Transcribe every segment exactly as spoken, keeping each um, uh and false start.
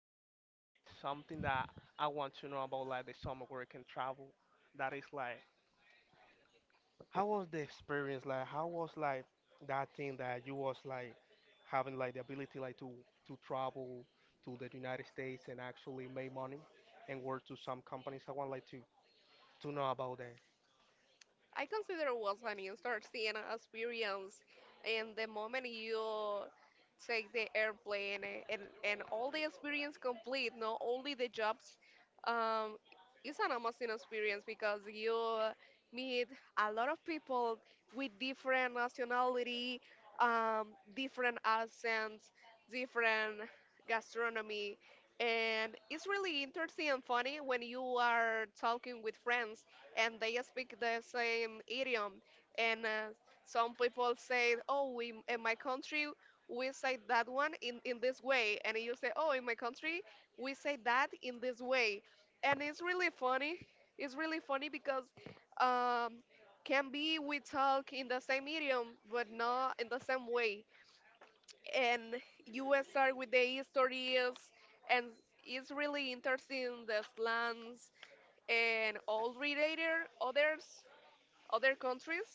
Actually, I have like something that I want to know about like the summer work and travel. That is like, how was the experience? Like, how was like that thing that you was like having like the ability like to to travel to the United States and actually make money and work to some companies. I want like to to know about that. I consider once when you start seeing experience and the moment you take the airplane a- and, and all the experience complete, not only the jobs, um, it's an amazing experience because you meet a lot of people with different nationality, um, different accents, different gastronomy. And it's really interesting and funny when you are talking with friends and they speak the same idiom. And uh, some people say, "Oh, we, in my country we say that one in in this way," and you say, "Oh, in my country we say that in this way," and it's really funny. It's really funny because um, can be we talk in the same idiom but not in the same way. And you will start with the histories and it's really interesting the slangs and all related others other countries.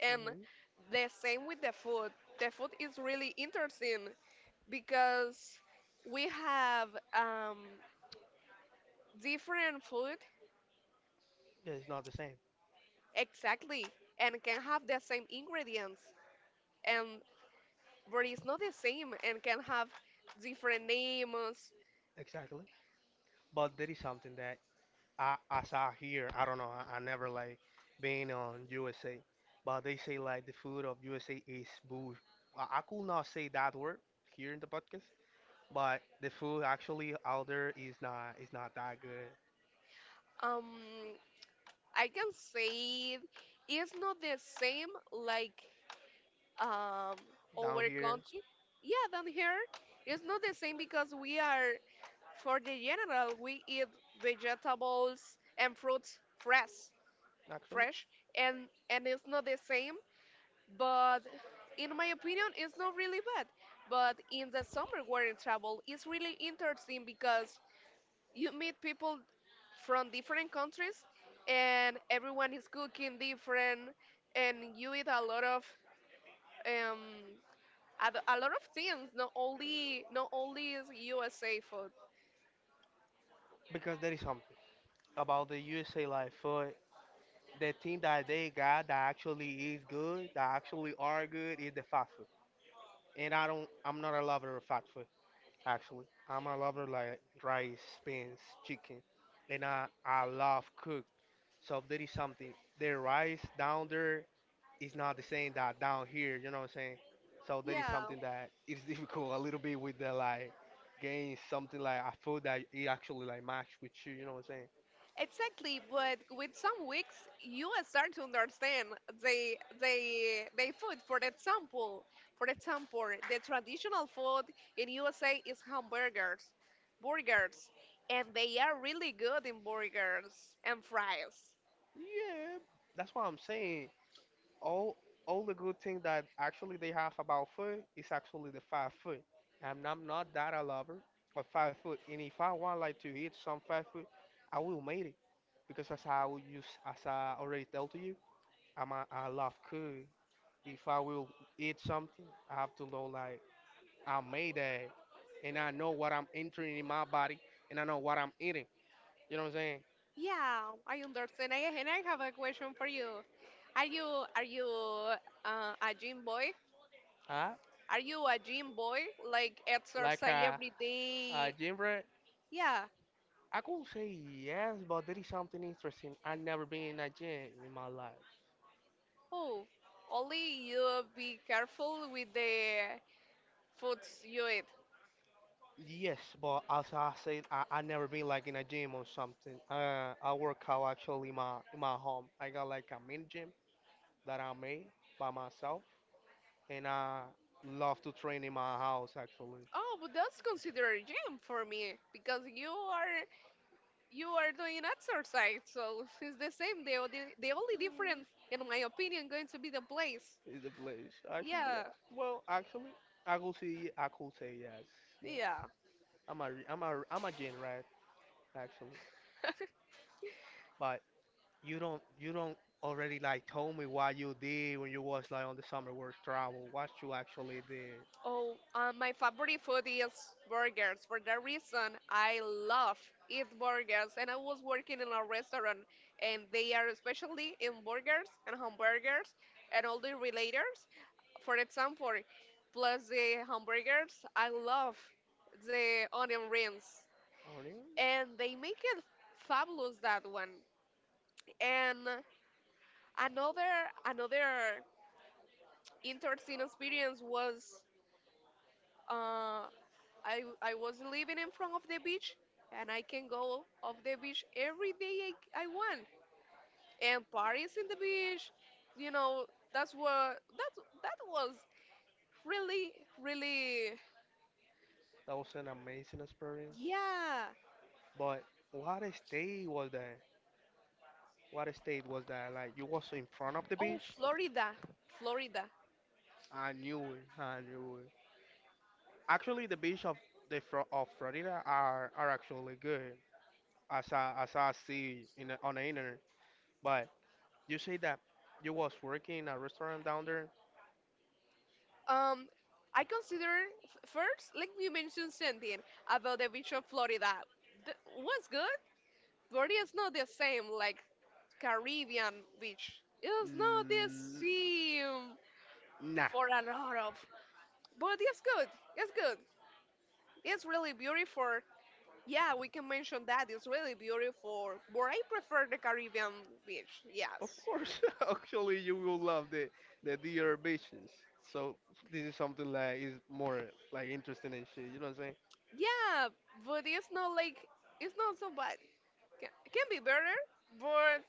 And Hmm. the same with the food. The food is really interesting because we have um, different food Yeah, it's not the same exactly and can have the same ingredients and but it's not the same and can have different names exactly, but there is something that I, as I hear, I don't know. I, I never like been on U S A, but they say like the food of U S A is bush. I, I could not say that word here in the podcast, but the food actually out there is not is not that good um I can say it's not the same like um down our here country, yeah, than here. It's not the same because we are, for the general, we eat vegetables and fruits fresh, actually fresh, and and it's not the same. But in my opinion, it's not really bad. But in the summer, where in travel, it's really interesting because you meet people from different countries, and everyone is cooking different, and you eat a lot of um a, a lot of things, not only not only is U S A food. because there is something about the U S A like food. The thing that they got that actually is good, that actually are good, is the fast food. And I don't, I'm not a lover of fast food. Actually, I'm a lover like rice, beans, chicken, and I, I love cook. So there is something. The rice down there is not the same that down here. You know what I'm saying? So there is Yeah. something that is difficult a little bit with the like gain something like a food that it actually like match with you. You know what I'm saying? Exactly, but with some weeks you start to understand the the the food. For example, for example, the traditional food in U S A is hamburgers, burgers, and they are really good in burgers and fries. Yeah, that's what I'm saying. all all the good thing that actually they have about food is actually the fast food. And I'm not that a lover of fast food. And if I want like to eat some fast food, I will make it because as I will use as I already told to you, I'm a, I love cook. If I will eat something, I have to know like I made that, and I know what I'm entering in my body, and I know what I'm eating. You know what I'm saying? Yeah, I understand. I, and I have a question for you. Are you are you uh, a gym boy? Huh? Are you a gym boy? Like Like exercise a, every a day? gym. Yeah. I could say yes, but there is something interesting. I never been in a gym in my life. Oh, only you be careful with the foods you eat. Yes, but as I said, I, I never been like in a gym or something. Uh, I work out actually in my in my home. I got like a mini gym that I made by myself, and I love to train in my house actually. Oh, but that's considered gym for me because you are you are doing exercise, so it's the same. The only- the only difference, in my opinion, going to be the place. Is a place. Actually, yeah. Yeah, Well, actually, I could say I could say yes, yes. yeah. I'm a re- I'm a I'm a gym rat actually, but You don't you don't already like told me what you did when you was like on the summer work travel. What you actually did. Oh, uh, my favorite food is burgers. For that reason, I love eat burgers. And I was working in a restaurant, and they are especially in burgers and hamburgers and all the relators. For example, plus the hamburgers, I love the onion rings, Aren't. and they make it fabulous that one. And another another interesting experience was. Uh, I I was living in front of the beach, and I can go off the beach every day I, I want. And parties in the beach, you know, that's what that that was really really, That was an amazing experience. yeah. But what state was that? What state was that? Like you was in front of the Oh, beach? Florida, Florida. I knew it. I knew it. Actually, the beach of the Fro- of Florida are are actually good, as I as I see in the, on the internet. But you say that you was working in a restaurant down there. Um, I consider f- first, like you mentioned something about the beach of Florida. Th- was good. Florida is not the same like Caribbean beach. It's not the Mm, same. nah, For a lot of. But it's good. It's good. It's really beautiful. Yeah, we can mention that. It's really beautiful. But I prefer the Caribbean beach. of Yes. course. Actually, you will love the the deer visions. So this is something like is more like interesting and shit. You know what I'm saying? Yeah, but it's not like, it's not so bad. Can, can be better, but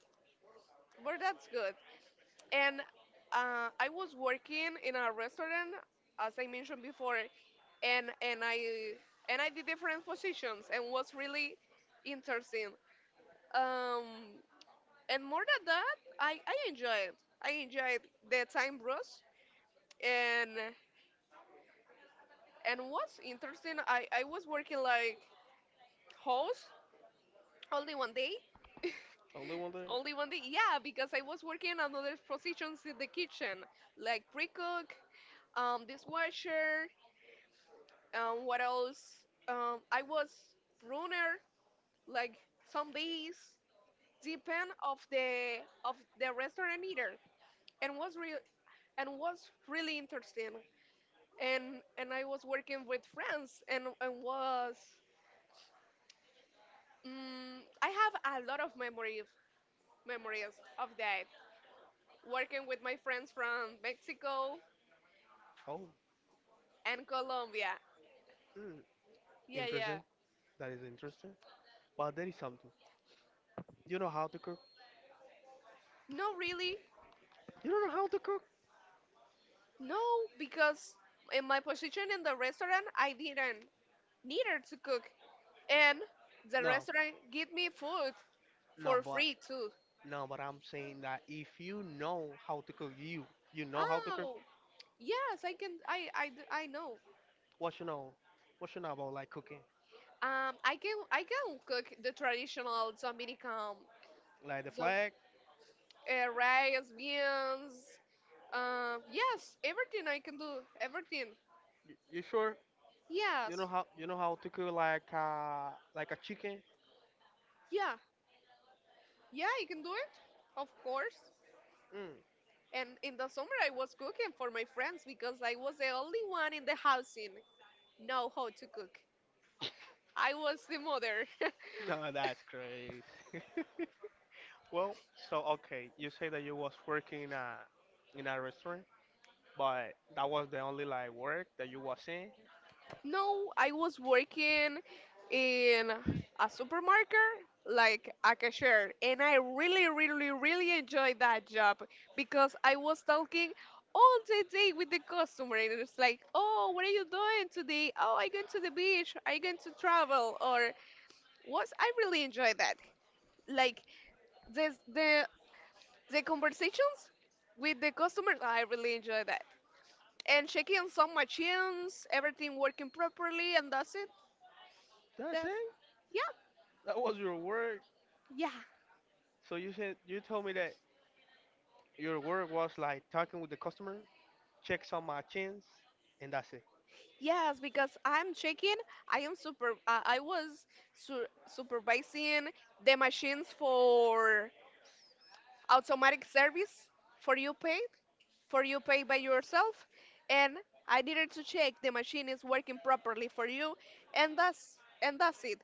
but that's good. And uh, I was working in a restaurant, as I mentioned before, and and I and I did different positions and was really interesting. Um, And more than that, I, I enjoyed. I enjoyed the time bros. And and what's interesting, I, I was working like host only one day. Only wonder. Only one day. Yeah, because I was working on other positions in the kitchen, like pre-cook, um, dishwasher, um, what else? Um, I was runner, like some days, depend of the of the restaurant eater, and was real and was really interesting. and and I was working with friends and and was mm, I have a lot of memories memories of that, working with my friends from Mexico Oh, and Colombia. mm, Yeah, yeah. interesting. That is interesting. But there is something. You know how to cook? No, really, You don't know how to cook? no, because in my position in the restaurant, I didn't neither to cook, and the No, restaurant give me food no, for but free too. no, but I'm saying that if you know how to cook, you you know how to cook. Oh, yes, I can. I I, d- I know. What you know? What you know about like cooking? Um, I can I can cook the traditional Dominican. Like the So, flag? uh, rice, beans. Um, yes, everything I can do. Everything. Y- You, sure? You know Yes. how you know how to cook like uh like a chicken? Yeah. Yeah, I can do it. Of course. Mm. And in the summer, I was cooking for my friends because I was the only one in the housing know how to cook. I was the mother. No, that's crazy. Well, so okay, you say that you was working in a in a restaurant, but that was the only like work that you was in. No, I was working in a supermarket, like a cashier, and I really, really, really enjoyed that job because I was talking all the day with the customer, and it's like, oh, what are you doing today? Oh, I going to the beach. I going to travel, or was I really enjoyed that? Like the the the conversations with the customers, I really enjoy that. And checking some machines, everything working properly, and that's it. That's That's, it. yeah. That was your work. Yeah, So you said you told me that your work was like talking with the customer, check some machines, and that's it. yes, because I'm checking. I am super. Uh, I was su supervising the machines for automatic service for you paid, for you pay by yourself, and I needed to check the machine is working properly for you, and that's and that's it.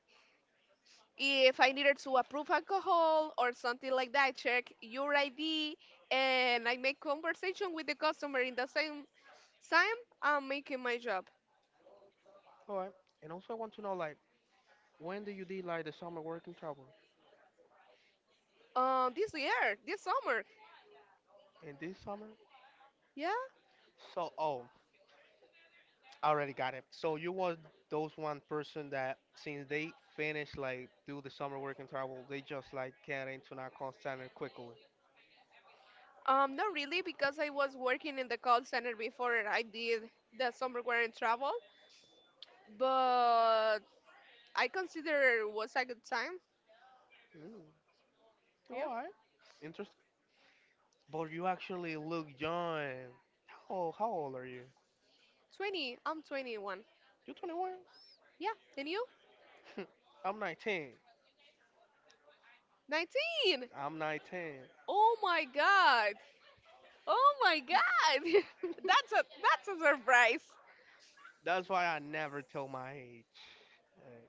If I needed to approve alcohol or something like that, I check your I D, and I make conversation with the customer in the same time I'm making my job. All right. And also, I want to know like when did you did like the summer working travel? Uh, this year, this summer. In this summer? Yeah? So, oh, I already got it. So you was those one person that since they finish like do the summer work and travel, they just like get into narcon standard quickly. Um, not really, because I was working in the call center before I did the summer in travel. But I consider it was a good time. Mm, Yeah, all right, interesting. But you actually look young. How old, how old are you? twenty. I'm twenty-one. You twenty-one? Yeah, and you? I'm nineteen. nineteen. I'm nineteen. Oh my God. Oh my God. That's a that's a surprise. That's why I never tell my age. Uh,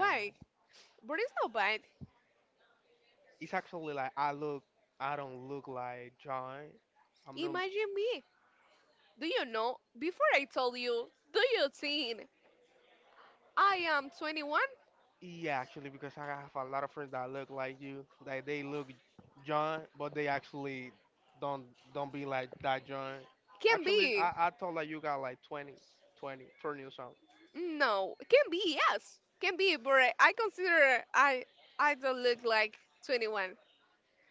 nah, But it's not bad. it's actually like I look. I don't look like John. I'm not. Imagine me. Do you know? Before I told you, do you think I am twenty-one? Yeah, actually, because I have a lot of friends that look like you. Like they look John, but they actually don't don't be like that John. Can Actually, be. I, I thought like you got like twenty, twenty, twenty or something. No, it can be, yes. Can be, but I consider I I don't look like twenty-one.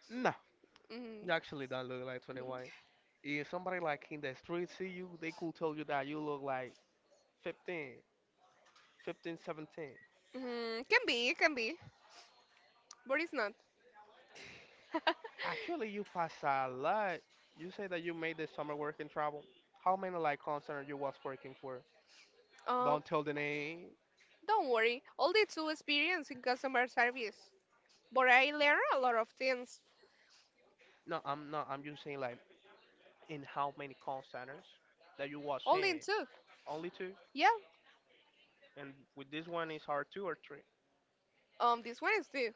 No, Mm, you actually don't look like twenty-one. If somebody like in the street see you, they could tell you that you look like fifteen, fifteen, seventeen. mm, can be, it can be, but it's not. Actually, you pass a lot. You say that you made the summer working travel. How many like concert you was working for? Um, Don't tell the name. don't worry. Only two experience in customer service, but I learn a lot of things. No, I'm not. I'm just saying like in how many call centers that you was Only in in? two. Only two? Yeah. And with this one is hard two or three? Um, this one is two.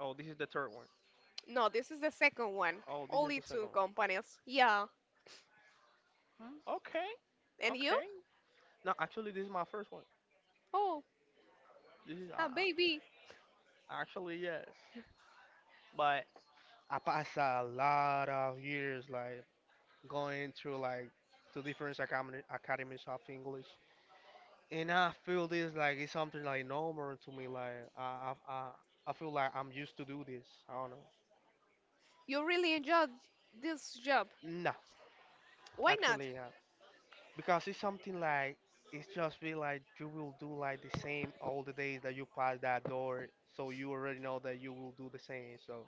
Oh, this is the third one. No, this is the second one. Oh, this is Only the second two one. companies. Yeah. Okay, And you? okay. No, actually, this is my first one. Oh, This is uh, ah, uh, baby, actually yes, but I passed a lot of years like going through like to different academy, academies of English, and I feel this like it's something like normal to me. Like I, I, I I feel like I'm used to do this. I don't know. you really enjoyed this job. No, Why not? actually, uh, because it's something like it's just be like you will do like the same all the days that you pass that door so you already know that you will do the same so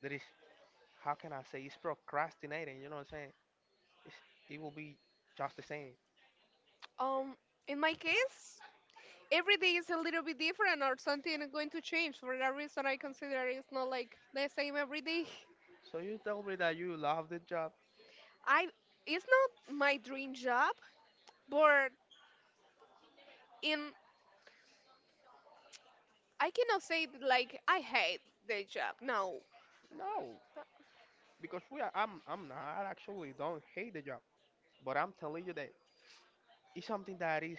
there is how can I say it's procrastinating you know what I'm saying, it's, it will be just the same Um, in my case, every day is a little bit different or something going to change. For that reason, I consider it's not like the same every day. so you tell me that you love the job. I it's not my dream job, but in I cannot say that, like I hate the job. No, No, because we are i'm i'm not. I actually don't hate the job, but I'm telling you that it's something that is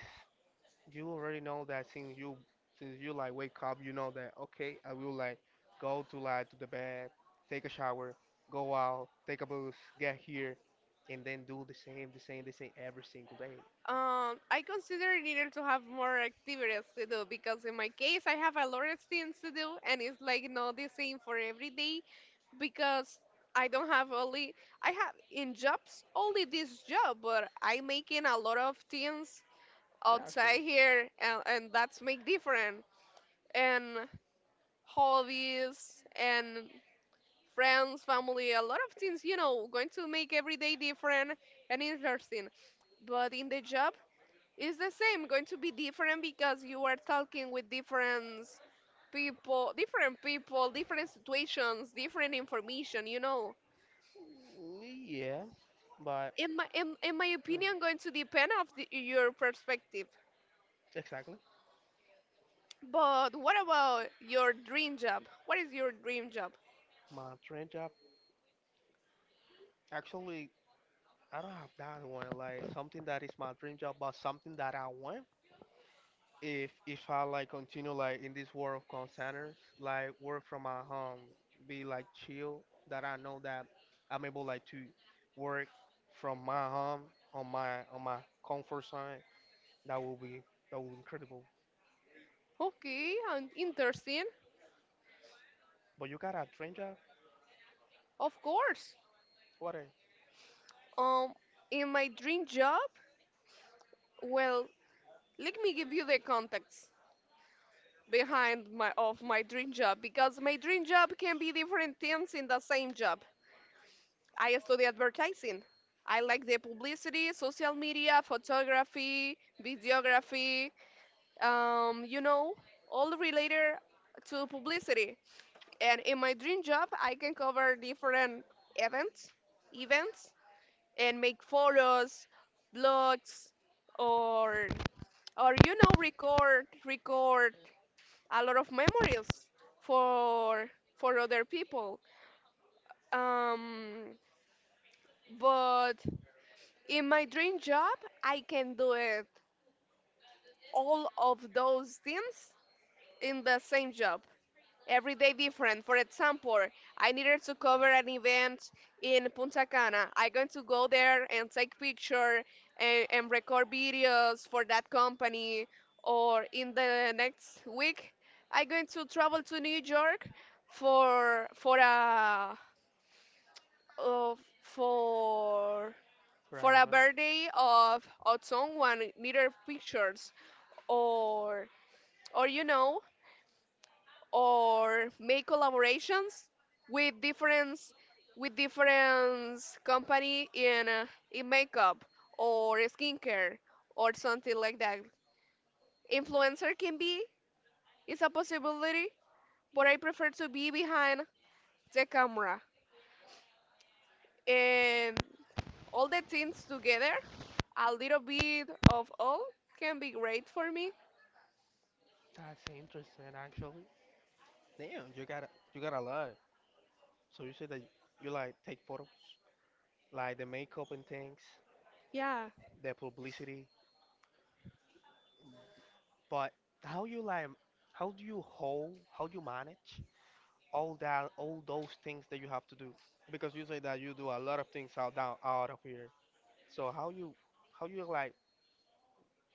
you already know that since you since you like wake up, you know that okay, I will like go to like to the bed, take a shower, go out, take a bus, get here, and then do the same, the same, the same every single day. um, I consider needed to have more activities to do because in my case I have a lot of things to do and it's like not the same for every day because I don't have only I have in jobs only this job but I making a lot of things Yeah, outside actually. here and, and that's make different and hobbies and friends family a lot of things you know going to make every day different and interesting but in the job it's the same going to be different because you are talking with different people different people different situations different information you know Mm, yeah, but in my in, in my mm, opinion going to depend of the, your perspective exactly. but what about your dream job? What is your dream job? My dream job. Actually, I don't have that one. Like something that is my dream job, but something that I want. if if I like continue like in this world of call centers, like work from my home, be like chill, that I know that I'm able like to work from my home on my on my comfort zone, that will be that will be incredible. Okay, and interesting. But you got a dream job? Of course. What a Um, in my dream job, well, let me give you the context behind my of my dream job because my dream job can be different things in the same job. I study advertising. I like the publicity, social media, photography, videography, um, you know, all related to publicity. And in my dream job, I can cover different events, events and make photos, blogs, or or you know record record a lot of memories for for other people. Um, but in my dream job, I can do it all of those things in the same job. Every day different. For example, I needed to cover an event in Punta Cana. I'm going to go there and take picture and, and record videos for that company. Or in the next week, I'm going to travel to New York for for a uh, for for a driving. birthday of of someone needed pictures or or you know or make collaborations with different with different company in uh, in makeup or skincare or something like that. Influencer can be is a possibility, but I prefer to be behind the camera and all the things together. A little bit of all can be great for me. That's interesting actually. Damn, you got a- you got a lot. So you say that you like take photos, like the makeup and things, Yeah. the publicity. But how you like how do you hold how do you manage all that all those things that you have to do? Because you say that you do a lot of things out down out of here. So how you how you like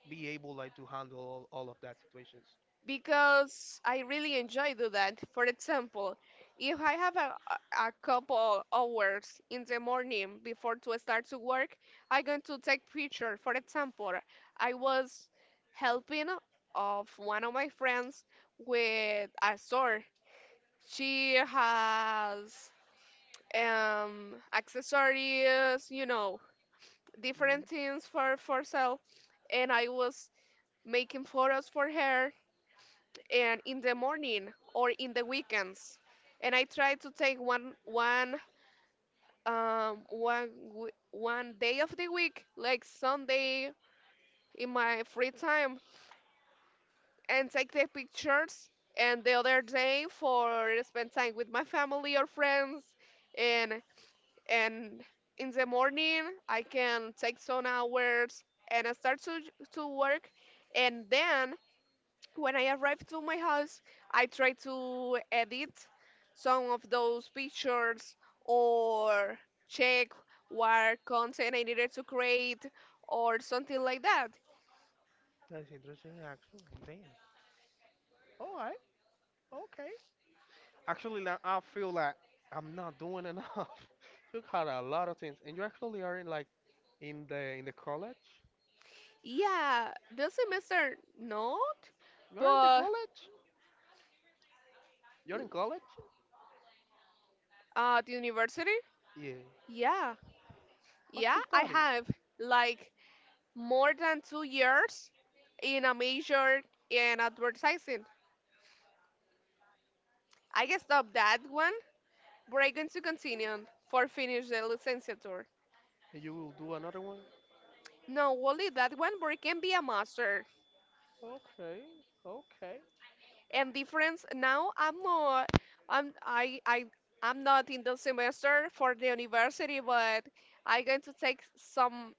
be able like to handle all, all of that situations? Because I really enjoy do that. For example, if I have a, a couple hours in the morning before to start to work, I going to take picture. For example, I was helping of one of my friends with a store. She has um accessories, you know, different things for for sale, and I was making photos for her and in the morning or in the weekends. And I try to take one one um one w- one day of the week, like Sunday in my free time, and take the pictures. And the other day for spend time with my family or friends. And and in the morning I can take some hours and I start to to work, and then when I arrived to my house, I tried to edit some of those pictures or check what content I needed to create or something like that. That's interesting actually. Damn. All right. Okay. Actually now I feel like I'm not doing enough. You got a lot of things and you actually are in like in the in the college? Yeah, the semester not, You're in the but college? You're in college? uh, the university, Yeah. yeah, What yeah, you I study? have like more than two years in a major in advertising. I stopped that one, but I'm going to continue for finish the licensure. And you will do another one? No, only that one word can be a master. Okay, okay. And difference now, I'm not, I'm I I I'm not in the semester for the university, but I'm going to take some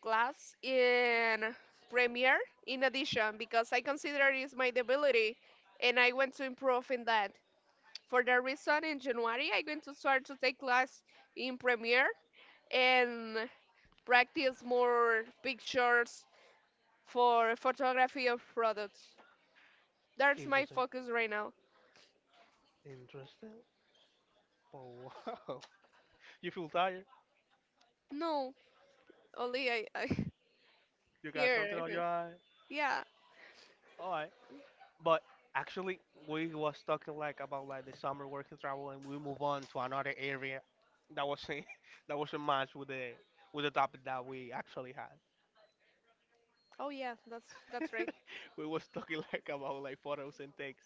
class in Premiere in addition because I consider it is my debility, and I want to improve in that. For that reason, in January, I'm going to start to take class in Premiere and practice more pictures for photography of products. That's my Interesting. focus right now. Interesting. But wow. You feel tired? No, only I, I You got here. something I on your think. eye? Yeah. Alright. But actually we was talking like about like the summer work and travel and we move on to another area that was in, that was a match with the with the topic that we actually had. Oh yeah, that's that's right. We was talking like about like photos and things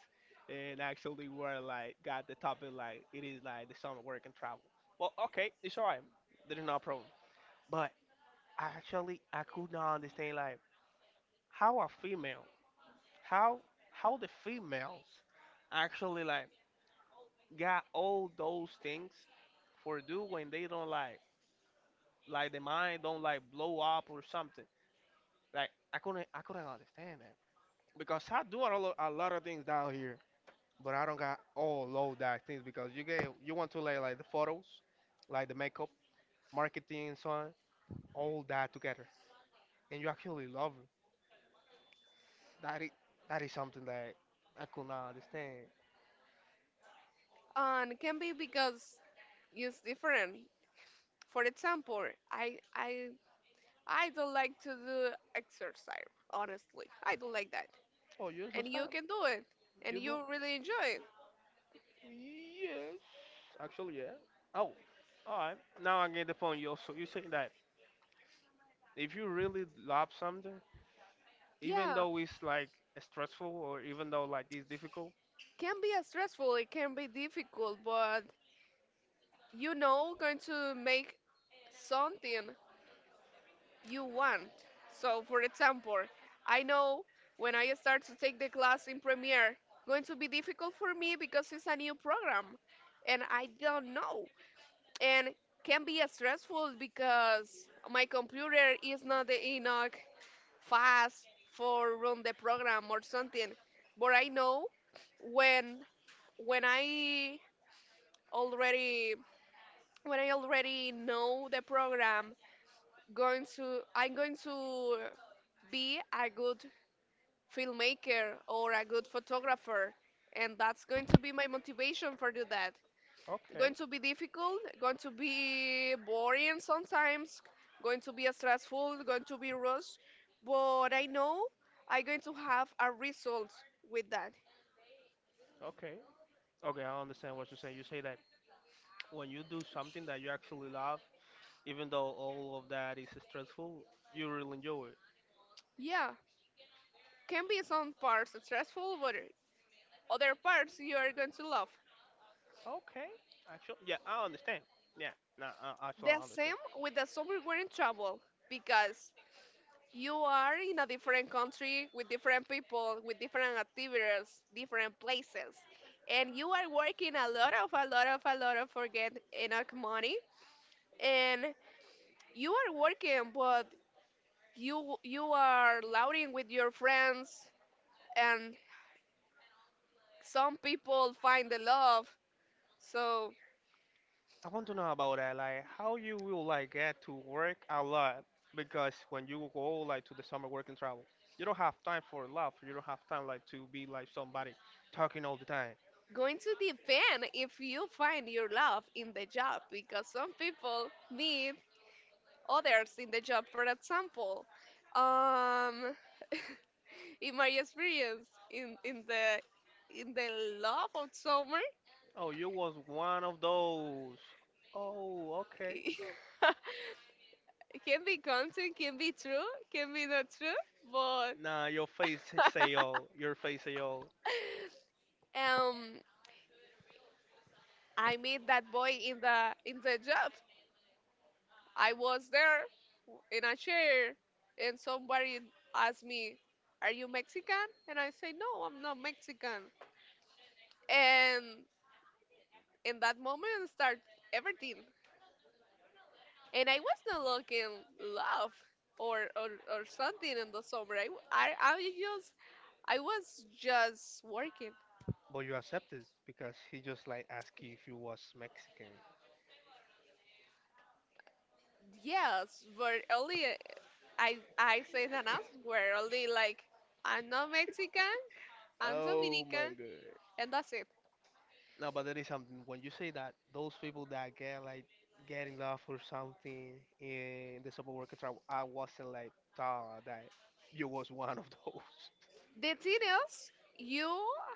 and actually we're like got the topic like it is like the summer work and travel. Well okay, it's alright. There is no problem. But actually, I could not understand like how a female, how how the females actually like got all those things for do when they don't like like the mind don't like blow up or something. Like I couldn't I couldn't understand that because I do a lot, a lot of things down here, but I don't got all of that things because you get you want to lay like the photos, like the makeup, marketing, so on, all that together, and you actually love. That is, that is something that I could not understand. And it can be because it's different. For example, I I I don't like to do exercise. Honestly, I don't like that. Oh, you're so And you sad. can do it, and You do? you really enjoy it. Yes. Actually, yeah. Oh, all right. Now I get the point. You also you saying that if you really love something, even Yeah, though it's like stressful or even though like it's difficult. can be a stressful. It can be difficult, but you know, going to make something you want. So, for example, I know when I start to take the class in Premiere, going to be difficult for me because it's a new program and I don't know. And can be stressful because my computer is not the enough fast for run the program or something. But I know when when I already when I already know the program going to I'm going to be a good filmmaker or a good photographer, and that's going to be my motivation for do that. Okay, Going to be difficult, going to be boring sometimes, going to be stressful, going to be rushed, but I know I'm going to have a result with that. okay, okay. I understand what you say. You say that when you do something that you actually love, even though all of that is stressful, you really enjoy it. Yeah, can be some parts stressful, but other parts you are going to love. Okay, actually, yeah, I understand. Yeah, no, nah, I actually The I understand. same with the summer we're in trouble because you are in a different country with different people, with different activities, different places, and you are working a lot of, a lot of, a lot of for get enough money, and you are working, but you you are louding with your friends, and some people find the love, so I want to know about that, like how you will like get to work a lot because when you go like to the summer work and travel, you don't have time for love. You don't have time like to be like somebody talking all the time. going to depend if you find your love in the job, because some people meet others in the job. For example, um. in my experience in in the in the love of summer, Oh, you was one of those. Oh, okay. it can be content, can be true, can be not true, but Nah, your face say all. Your face say all. um I met that boy in the in the job. I was there in a chair and somebody asked me, "Are you Mexican?" And I say, "No, I'm not Mexican." And in that moment start everything, and I wasn't looking love or, or or something in the summer. I, w- I I was just I was just working. But you accepted because he just like asked you if you was Mexican. Yes, but only uh, I I say that elsewhere. Only like I'm not Mexican. I'm Oh my Dominican, god. and that's it. No, but there is something. When you say that, those people that get like get in love for something in the support worker tribe, I wasn't like thought that you was one of those. The thing is, you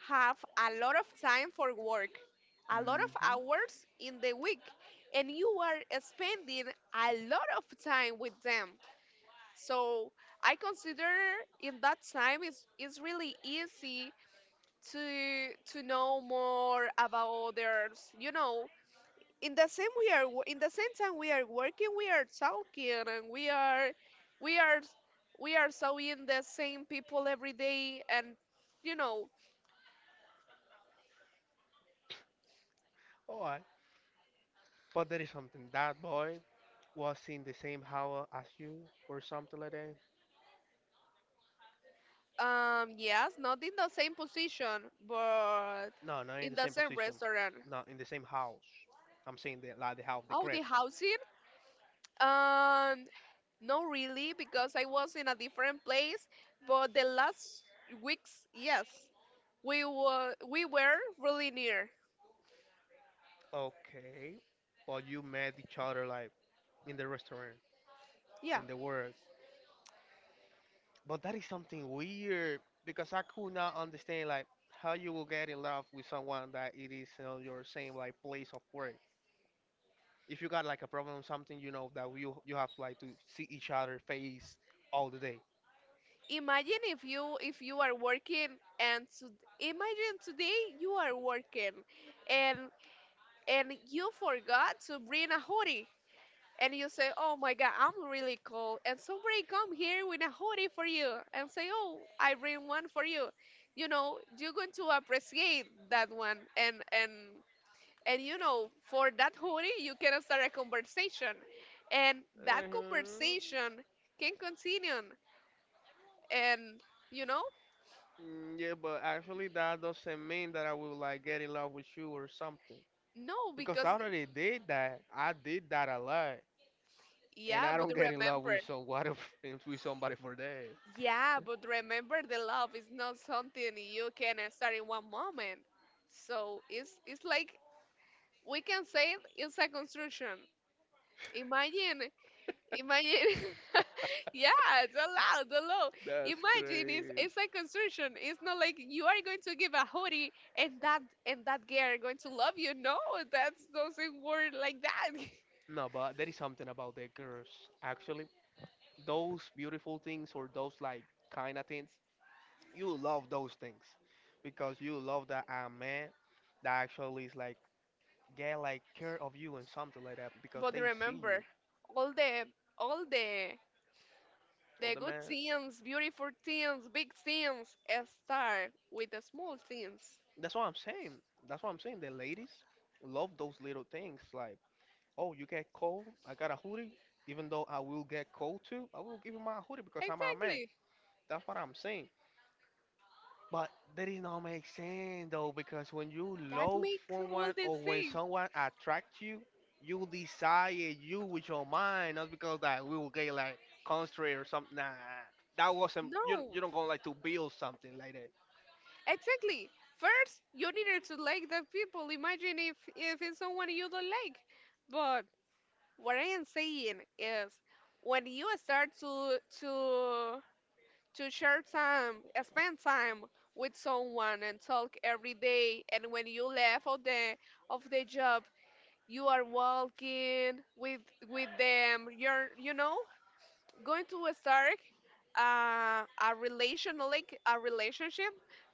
have a lot of time for work, a lot of Hmm. hours in the week, and you are spending a lot of time with them. So I consider in that time it's, it's really easy to to know more about others. You know, in the same we are wo- in the same time we are working, we are talking, and we are we are we are seeing the same people every day. And you know, Alright, but there is something. That boy was in the same house as you, or something like that. um, yes, not in the same position, but No, not in in the the same same position. restaurant. Not in the same house. I'm saying the like the house, the Oh, crib. the housing. Um, No, really, because I was in a different place, but the last weeks, yes, we were we were really near. Okay, but you met each other like in the restaurant, Yeah. in the work. But that is something weird because I could not understand like how you will get in love with someone that it is on your same like place of work. If you got like a problem or something, you know that you you have like to see each other face all the day. Imagine if you if you are working and to, imagine today you are working and and you forgot to bring a hoodie and you say, "Oh my God, I'm really cold." And somebody come here with a hoodie for you and say, "Oh, I bring one for you." You know, you're going to appreciate that one and and and you know, for that hoodie, you can start a conversation. And that Uh-huh. conversation can continue. And, you know, Mm, yeah, but actually that doesn't mean that I will like get in love with you or something. no, Because because, I already did that. I did that a lot, and yeah, I but don't get in love remember, with somebody with somebody for that. yeah, but remember the love is not something you can start in one moment. So it's, it's like, we can say it's a construction. Imagine Imagine, yeah, the loud, the low. That's Imagine it's crazy. it's like construction. It's not like you are going to give a hoodie and that and that girl going to love you. No, that doesn't work like that. No, but there is something about the girls. Actually, those beautiful things or those like kind of things, you love those things because you love that a man that actually is like get like care of you and something like that because But they see you. remember, all the all the All the the good man. things, beautiful things, big things, uh, start with the small things. That's what I'm saying. That's what I'm saying. The ladies love those little things like, oh, you get cold. I got a hoodie. Even though I will get cold too, I will give you my hoodie because I'm a man. Exactly. That's what I'm saying. But that is not make sense though, because when you That love makes all someone the or when things. someone attracts you, you desire you with your mind, not because that we will get like constrained or something. Nah, that wasn't you. No, You don't gonna like to build something like that. exactly. First, you needed to like the people. Imagine if if it's someone you don't like. But what I am saying is, when you start to to to share time, spend time with someone and talk every day, and when you left of the of the job, you are walking with with them. You're, you know, going to a store, uh, a relation, no, like a relationship,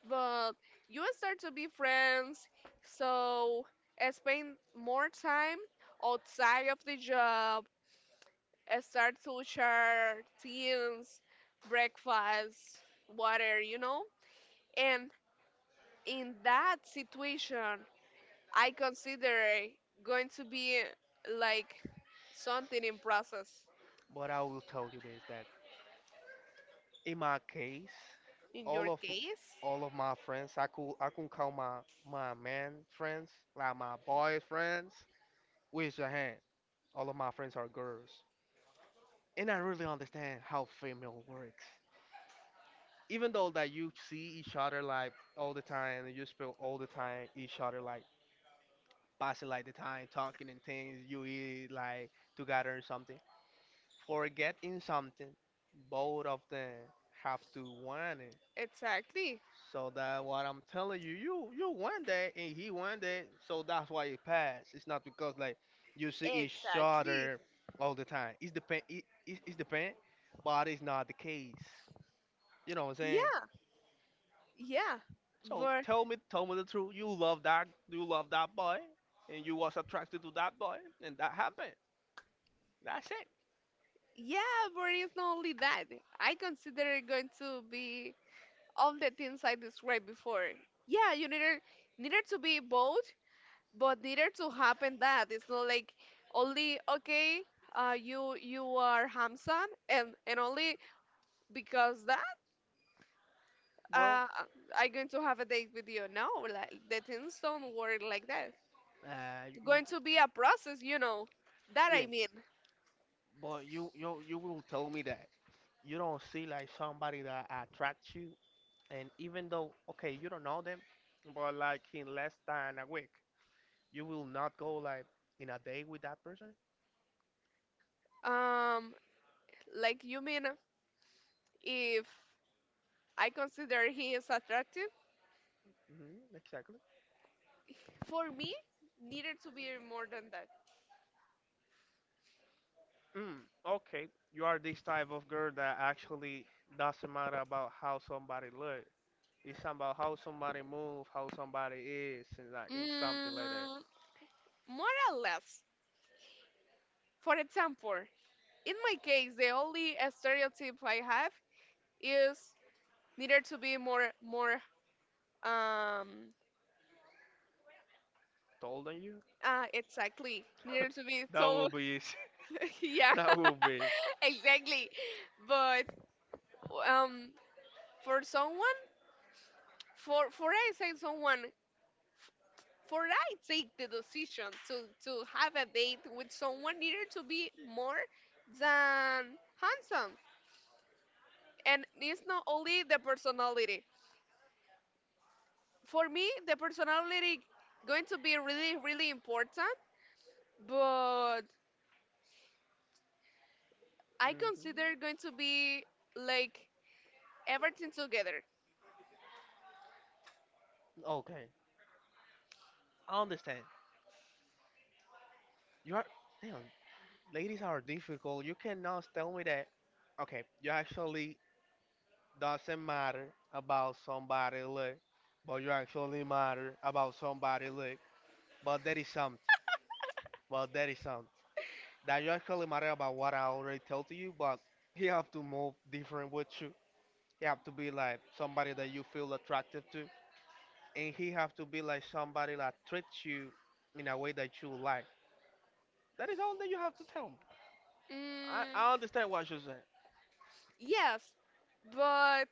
but you start to be friends. So uh, spend more time outside of the job. uh, Start to share things, breakfast, water, you know. And in that situation, I consider going to be like something in process. But I will tell you this: that in my case, In all your of case, all of my friends, I could I could call my my man friends, like my boy friends, with your hand. All of my friends are girls. And I really understand how female works. Even though that you see each other like all the time, and you spend all the time each other like passing like the time talking and things you eat like together or something. Forgetting something, both of them have to want it. exactly. So that what I'm telling you, you you want that and he want that, so that's why it passed. It's not because like you see each Exactly. other all the time. It's depend. It, it, it's depend, but it's not the case. You know what I'm saying? Yeah. Yeah, So but tell me, tell me the truth. You love that, you love that boy, and you was attracted to that boy, and that happened. That's it. yeah, but it's not only that. I consider it going to be all the things I described before. Yeah, you needed needed to be both, but needed to happen that. It's not like only okay, uh, you you are Hamsan, and and only because that Well, uh, I going to have a date with you. No, like the things don't work like that. uh, you, you- Going to be a process, you know. That yeah, I mean. but you, you, you will tell me that you don't see like somebody that attracts you, and even though okay, you don't know them, but like in less than a week, you will not go like in a day with that person. Um, like you mean if I consider he is attractive. Hmm, exactly. For me, needed to be more than that. Mm, okay, you are this type of girl that actually doesn't matter about how somebody look. It's about how somebody move, how somebody is, and like and something like that. Mm, more or less. For example, in my case, the only uh, stereotype I have is needed to be more, more, um, Told on you? ah, exactly. Needed to be that so, will be easy. yeah, that will be easy. exactly. But um, for someone, for for I say someone. For I take the decision to, to have a date with someone needed to be more than handsome. And it's not only the personality. For me, the personality going to be really, really important, but I consider Hmm. going to be like everything together. Okay, I understand. You are damn, ladies are difficult. You cannot tell me that. Okay, you actually doesn't matter about somebody look, but you actually matter about somebody look. But that is something. But that is something that you actually matter about what I already told to you. But you have to move different with you. You have to be like somebody that you feel attractive to, and he have to be like somebody that treats you in a way that you like. That is all that you have to tell him. I, Mm, I understand what you're saying. yes, but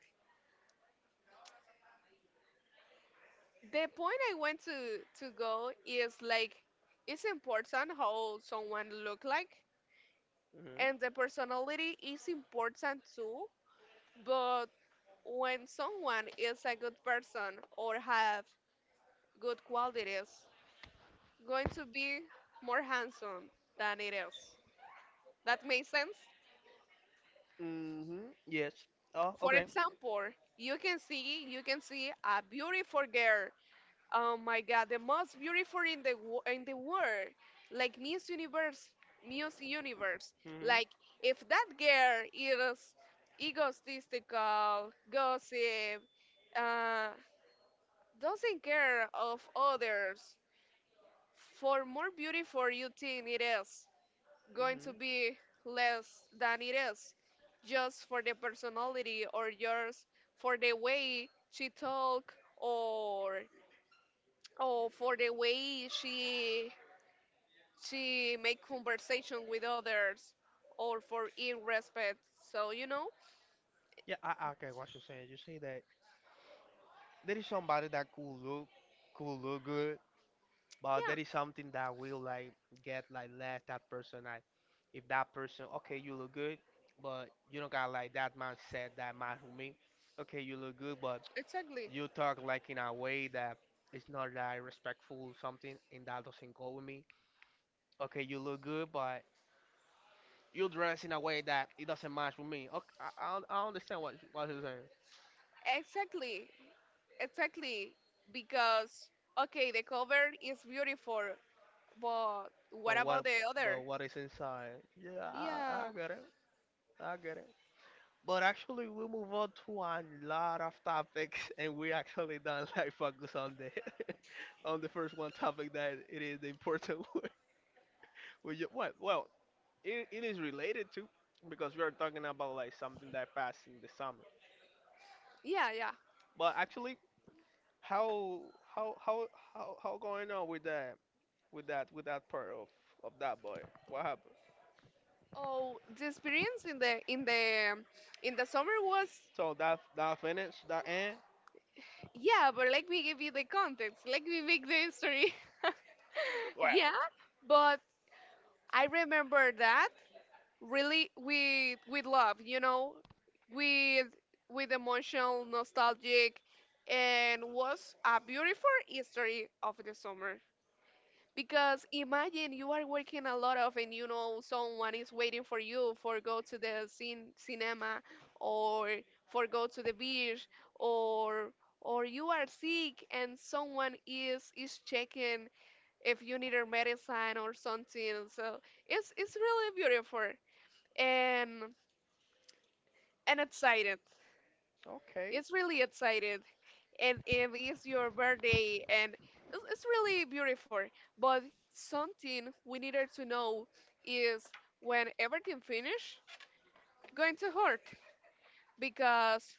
the point I want to, to go is like it's important how someone look like and the personality is important too, but when someone is a good person or have good qualities going to be more handsome than it is. That makes sense. Mm-hmm. Mm-hmm. Yes. Oh, For okay. example, you can see you can see a beautiful girl, oh my God, the most beautiful in the wo- in the world, like Miss Universe, Miss Universe. Mm-hmm. Like if that girl is egotistical, gossip, uh, doesn't care of others, for more beautiful you think it is, going to Mm-hmm. be less than it is, just for the personality or just for the way she talk or, oh, for the way she she make conversation with others, or for in respect. So you know, Yeah, I, I get what you're saying. You say that there is somebody that could look, could look good, but yeah, that is something that will like get like less that person like if that person okay you look good but you don't got like that mindset that match with me, okay you look good but exactly, you talk like in a way that it's not like respectful something and that doesn't go with me, okay you look good but you dress in a way that it doesn't match with me. Okay, i, I, un- I understand what, you- what you're saying. exactly, exactly. Because okay, the cover is beautiful, but what But about what the other? but what is inside? Yeah, i, I Yeah, I get it. I get it. But actually, we move on to a lot of topics, and we actually don't like focus on the on the first one topic that it is the important one. We ju- well, well, it, it is related to because we are talking about like something that passed in the summer. yeah, yeah. But actually, how how how how how going on with that with that with that part of of that boy? What happened? Oh, the experience in the in the in the summer was So that that finish that end? yeah, but let me give you the context. Let me make the history. Well, yeah, but I remember that really with with love, you know, with with emotional, nostalgic, and was a beautiful history of the summer. Because imagine you are working a lot of, and you know someone is waiting for you for go to the cin cinema, or for go to the beach, or or you are sick and someone is is checking if you need a medicine or something. So it's it's really beautiful and and excited. okay. It's really excited. And if it's your birthday and it's, it's really beautiful. But something we needed to know is when everything finish, going to hurt because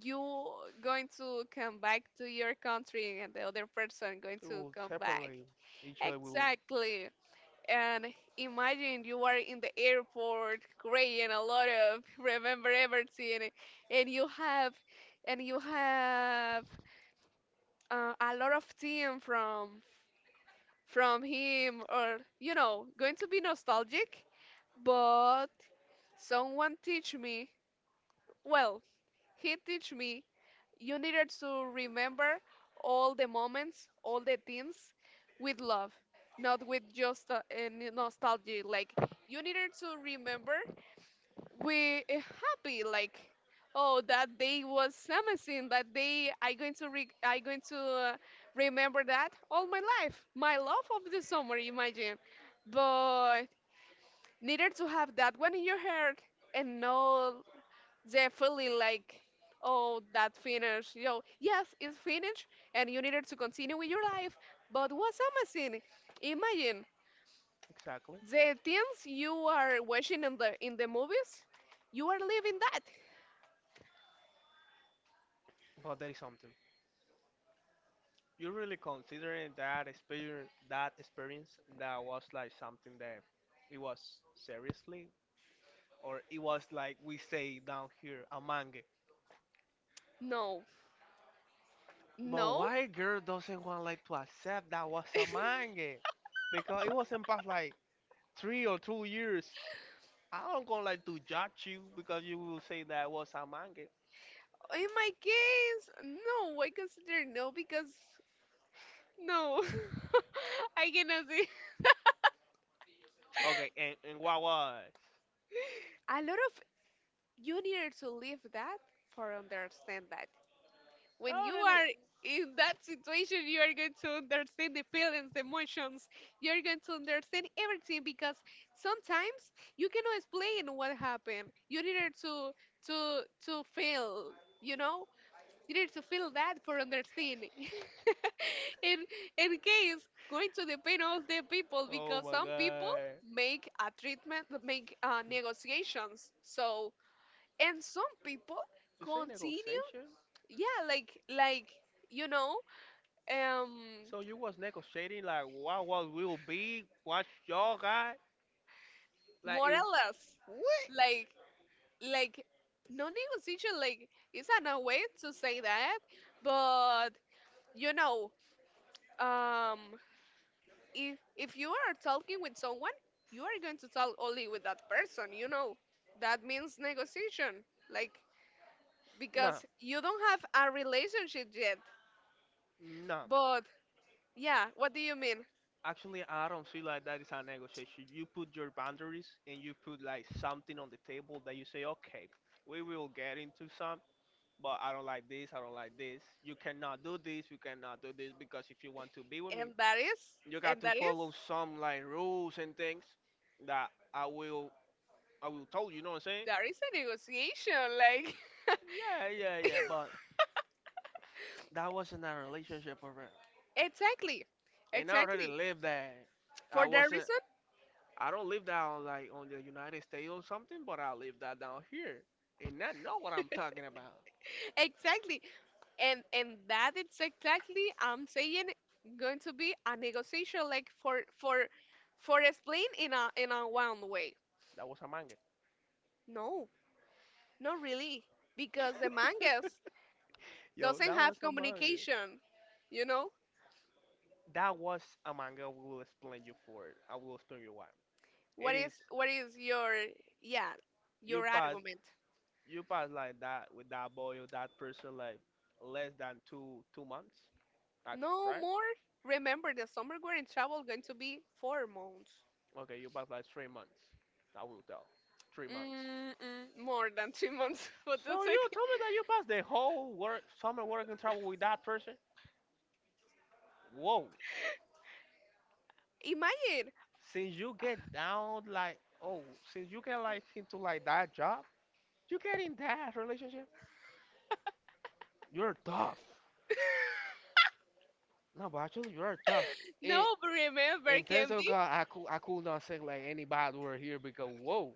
you going to come back to your country and the other person going We to will come back. separate each other. Will Exactly. And imagine you are in the airport, great, and a lot of remember everything, and you have, and you have uh, a lot of team from from him, or you know, going to be nostalgic. But someone teach me. Well, he teach me. You needed to remember all the moments, all the things, with love, not with just uh, uh, nostalgia. Like you needed to remember we eh, happy like oh, that day was amazing. That day i going to re- i going to uh, remember that all my life. My love of the summer, imagine. But needed to have that one in your heart and know the feeling like oh, that finished. You know yes, it's finished and you needed to continue with your life, but was amazing. Imagine exactly. the things you are watching in the in the movies, you are living that. But there is something. You really considering that experience, that experience that was like something that it was seriously, or it was like we say down here a manga. No. But No, why girl doesn't want like to accept that was a manga? Because it wasn't past like three or two years. I don't gonna like to judge you because you will say that was a manga. in my case, no, I consider no because no, I cannot say. Okay, and, and what was? A lot of you need to live that for understand that. When Oh, you really? are in that situation, you are going to understand the feelings, the emotions. You are going to understand everything because sometimes you cannot explain what happened. You need to to to feel, you know. You need to feel bad for understanding. in in case going to depend on the people Oh because my some people god. make a treatment, make uh, negotiations. So and some people You say continue, negotiation? yeah, like like you know, um, So you was negotiating like what what will be, what y'all got? Like more it, or less, what? like like no negotiation, like it's not a no way to say that, but you know, um, if if you are talking with someone, you are going to talk only with that person, you know. That means negotiation. Like No, because you don't have a relationship yet. no. But yeah, what do you mean? Actually, I don't feel like that is a negotiation. You put your boundaries and you put like something on the table that you say, okay, we will get into some, but I don't like this, I don't like this. You cannot do this, you cannot do this because if you want to be with me, And that is you and got to that is follow some like rules and things that I will I will tell you, you know what I'm saying? that is a negotiation, like Yeah, yeah, yeah. But that wasn't a relationship for real. exactly. And I already Exactly. lived that. I For that wasn't. reason, I don't live that on like on the United States or something, but I live that down here. And I know what I'm talking about. exactly. And and that it's exactly I'm saying going to be a negotiation like for for for explain in a in a one way. That was a manga. No. Not really, because the mangas Yo, doesn't that was have a manga. communication. You know That was a manga. We will explain you for it. I will explain you why. what It is is what is your yeah you your pass, argument? you pass like that with that boy or that person like less than two two months, actually, No right? more. Remember, the summer we're in travel going to be four months. Okay, you passed like three months. I will tell. Three months. Mm-mm, more than three months. What the So heck? you told me that you passed the whole work summer working travel with that person? Whoa. Imagine. Since you get down like oh, since you get like into like that job, you get in that relationship? You're tough. No, but actually you're tough. It No, but remember, in terms can of be. God, I could I could not say like any bad word here because whoa.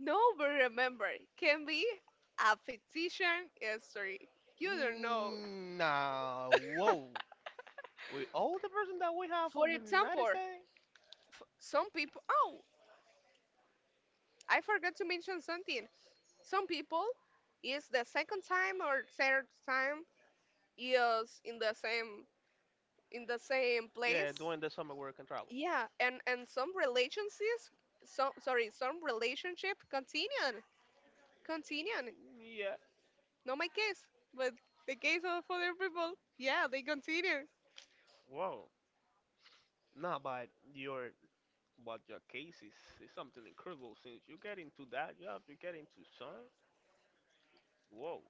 No, but remember, can be a fictitious history. You don't know. Mm, nah, whoa. With all the person that we have For on United example, States? f- some people. Oh, I forgot to mention something. Some people is the second time or third time is in the same in the same Yeah, place. during the summer work and travel. Yeah, and and some relationships, some sorry, some relationship continue, continue. Yeah. Not my case, but the case of other people. Yeah, they continue. Wow. Nah, but your but your case is, is something incredible since you get into that job, you get into sun. Whoa.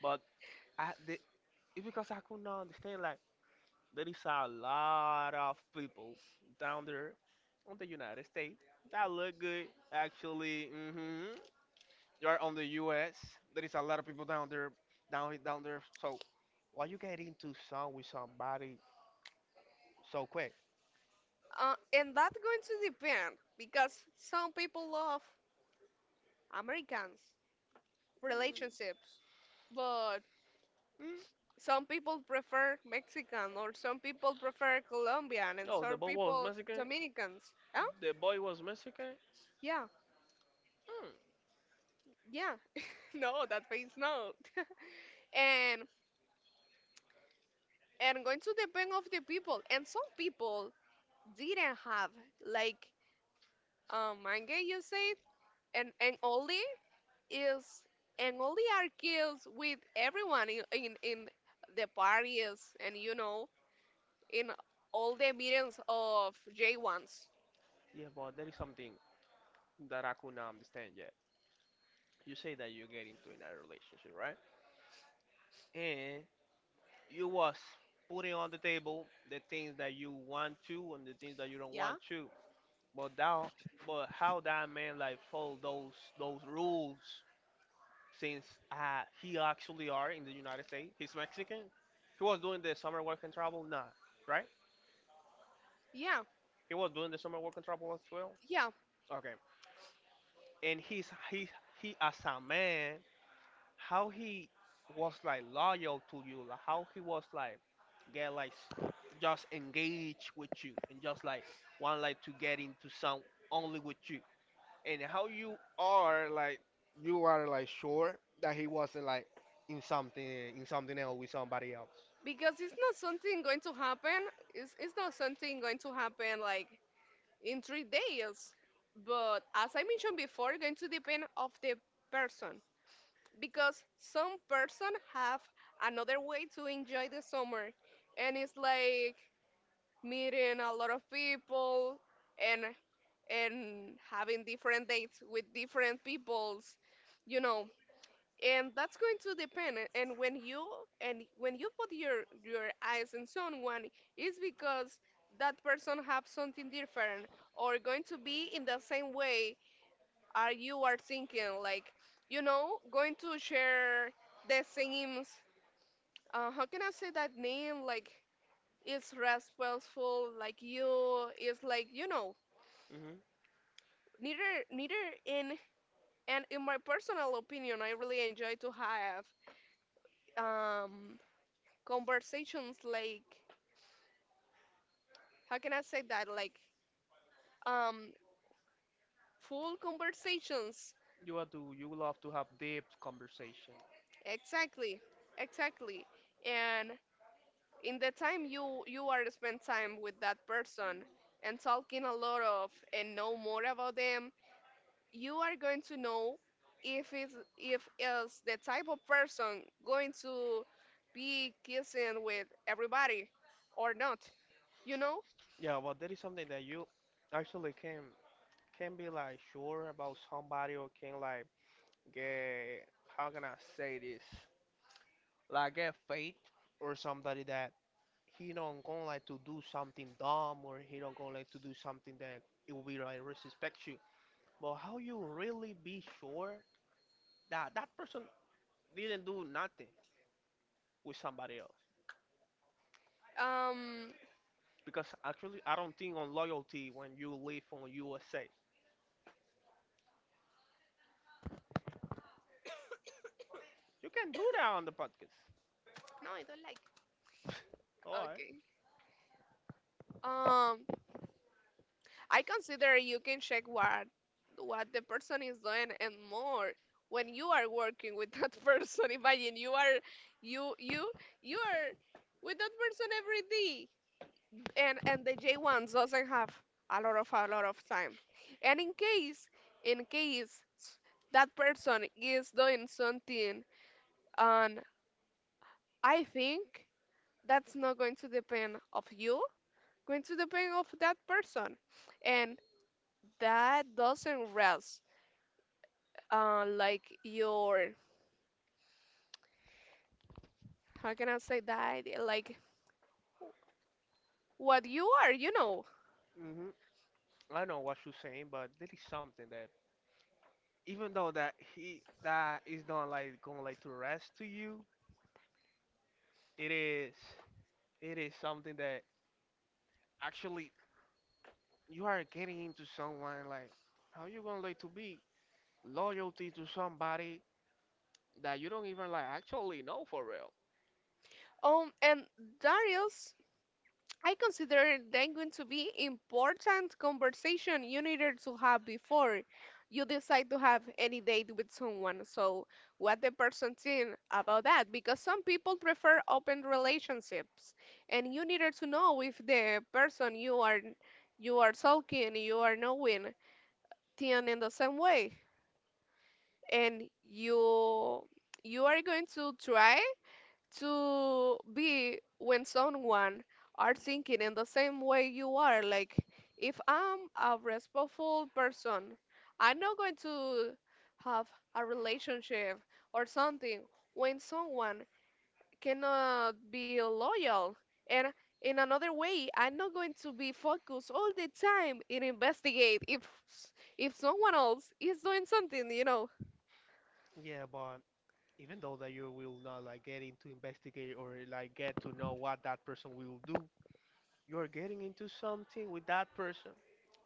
But I the it's because I could not understand like there is a lot of people down there on the United States that look good actually. Mm-hmm. You're on the U S. There is a lot of people down there down down there. So why you get into sun with somebody so quick? Uh, and that going to depend because some people love Americans relationships, but Mm. some people prefer Mexican, or some people prefer Colombian, and Oh, the some boy was people Mexican. Dominicans. Oh, The boy was Mexican. yeah, Hmm. yeah. no, that means no. and and going to depend of the people. And some people didn't have like um manga, you said, and and only is and only are kills with everyone in in, in the parties and you know in all the meetings of J ones. Yeah, but there is something that I could not understand yet. You say that you get into another relationship, right? And you was putting on the table the things that you want to and the things that you don't Yeah, want to. But that, but how that man like follow those those rules since uh, he actually are in the United States. He's Mexican. He was doing the summer work and travel, nah, right? yeah, He was doing the summer work and travel as well. yeah. Okay. and he's he he as a man how he was like loyal to you, like how he was like get like s- just engaged with you and just like want like to get into some only with you. And how you are like you are like sure that he wasn't like in something, in something else with somebody else. Because it's not something going to happen. It's, it's not something going to happen like in three days. But as I mentioned before, it's going to depend of the person because some person have another way to enjoy the summer, and it's like meeting a lot of people and and having different dates with different peoples, you know. And that's going to depend a- and when you and when you put your your eyes on someone, it's because that person have something different or going to be in the same way are you are thinking like you know going to share the same uh, how can I say that name like it's respectful like you it's like you know Hmm. neither neither in and in my personal opinion I really enjoy to have um conversations like how can I say that like um full conversations You are to you love to have deep conversation. exactly exactly and in the time you you are spend time with that person and talking a lot of and know more about them you are going to know if it's if is the type of person going to be kissing with everybody or not, you know. Yeah, well, that is something that you actually can, can be like sure about somebody, or can like get, how can I say this? Like get faith or somebody that he don't gonna like to do something dumb, or he don't gonna like to do something that it will be like disrespect you. But how you really be sure that that person didn't do nothing with somebody else? um Because actually I don't think on loyalty when you live on U S A. You can do that on the podcast. no, I don't like. Alright. Okay. um I consider you can check what what the person is doing and more when you are working with that person. Imagine you are you you you are with that person every day. And and the J ones doesn't have a lot of a lot of time. And in case in case that person is doing something, and I think that's not going to depend of you, going to depend of that person. And that doesn't rest uh, like your how can I say that like what you are, you know. Hmm. I know what you're saying, but there is something that, even though that he, that is not like going like to rest to you, it is, it is something that actually you are getting into someone like, how you gonna like to be loyalty to somebody that you don't even like actually know for real. Um, and Darius, I consider them going to be important conversation you needed to have before you decide to have any date with someone. So what the person think about that? Because some people prefer open relationships, and you needed to know if the person you are you are talking, you are knowing, think in the same way. And you you are going to try to be when someone are thinking in the same way you are like if I'm a respectful person I'm not going to have a relationship or something when someone cannot be loyal and in another way I'm not going to be focused all the time in investigate if if someone else is doing something, you know. Yeah, but even though that you will not like getting to investigate or like get to know what that person will do, you are getting into something with that person,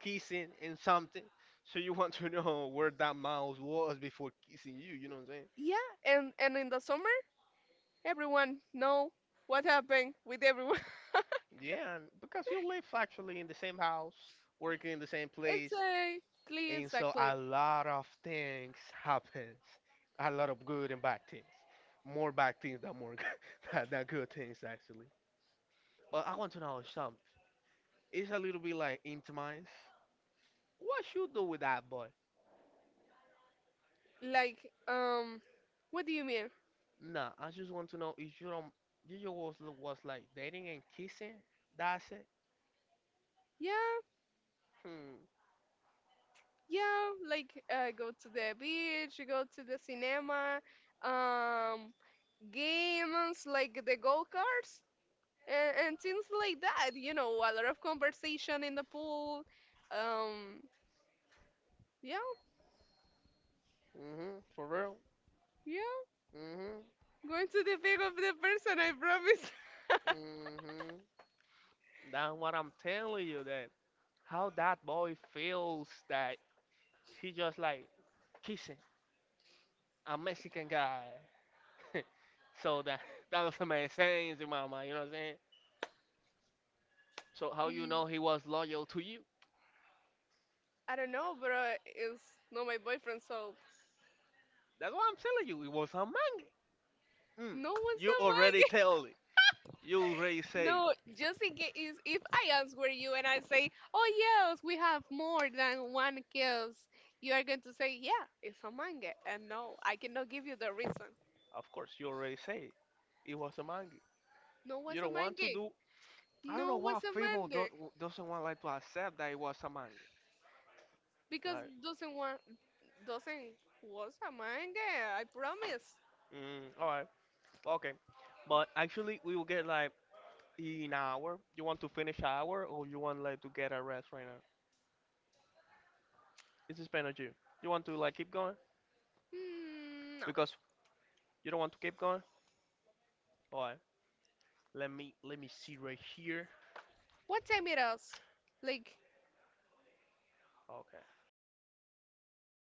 kissing and something. So you want to know where that mouse was before kissing you. You know what I'm saying? Yeah, and and in the summer, everyone know what happened with everyone. Yeah, and because you live actually in the same house, working in the same place, Exactly, and so exactly. a lot of things happens, a lot of good and bad things, more bad things than more good, than than good things actually. But I want to know something. It's a little bit like intimate. What you do with that boy? Like, um, what do you mean? Nah, I just want to know if you don't, you just was was like dating and kissing. That's it. Yeah, Hmm. yeah, like uh, go to the beach, go to the cinema, um, games like the go karts and, and things like that. You know, a lot of conversation in the pool. Um, yeah, Mhm. For real. yeah, Mhm. going to the back of the person, I promise. Mhm. That's what I'm telling you. That how that boy feels that he just like kissing a Mexican guy. So that that doesn't make sense in my mind. You know what I'm saying? So how you know he was loyal to you? I don't know, bro. It's not my boyfriend, so That's what I'm telling you. It was a man. Mm, no one's you not already mine. tell it. You already say. No, just in case if I answer you and I say, "Oh yes, we have more than one kiss," you are going to say, "Yeah, it's a manga," and no, I cannot give you the reason. Of course, you already say it was a manga. No You one's a don't want to manga. do. I don't know No why one's a female manga do, doesn't want like to accept that it was a manga. because Like, doesn't want doesn't was a manga. I promise. mm, all right, okay. But actually, we will get like in an hour. You want to finish an hour, or you want like to get a rest right now? It's depends on you. You want to like keep going, Hmm, no. because you don't want to keep going. All right, let me let me see right here. What time it is? Like Okay.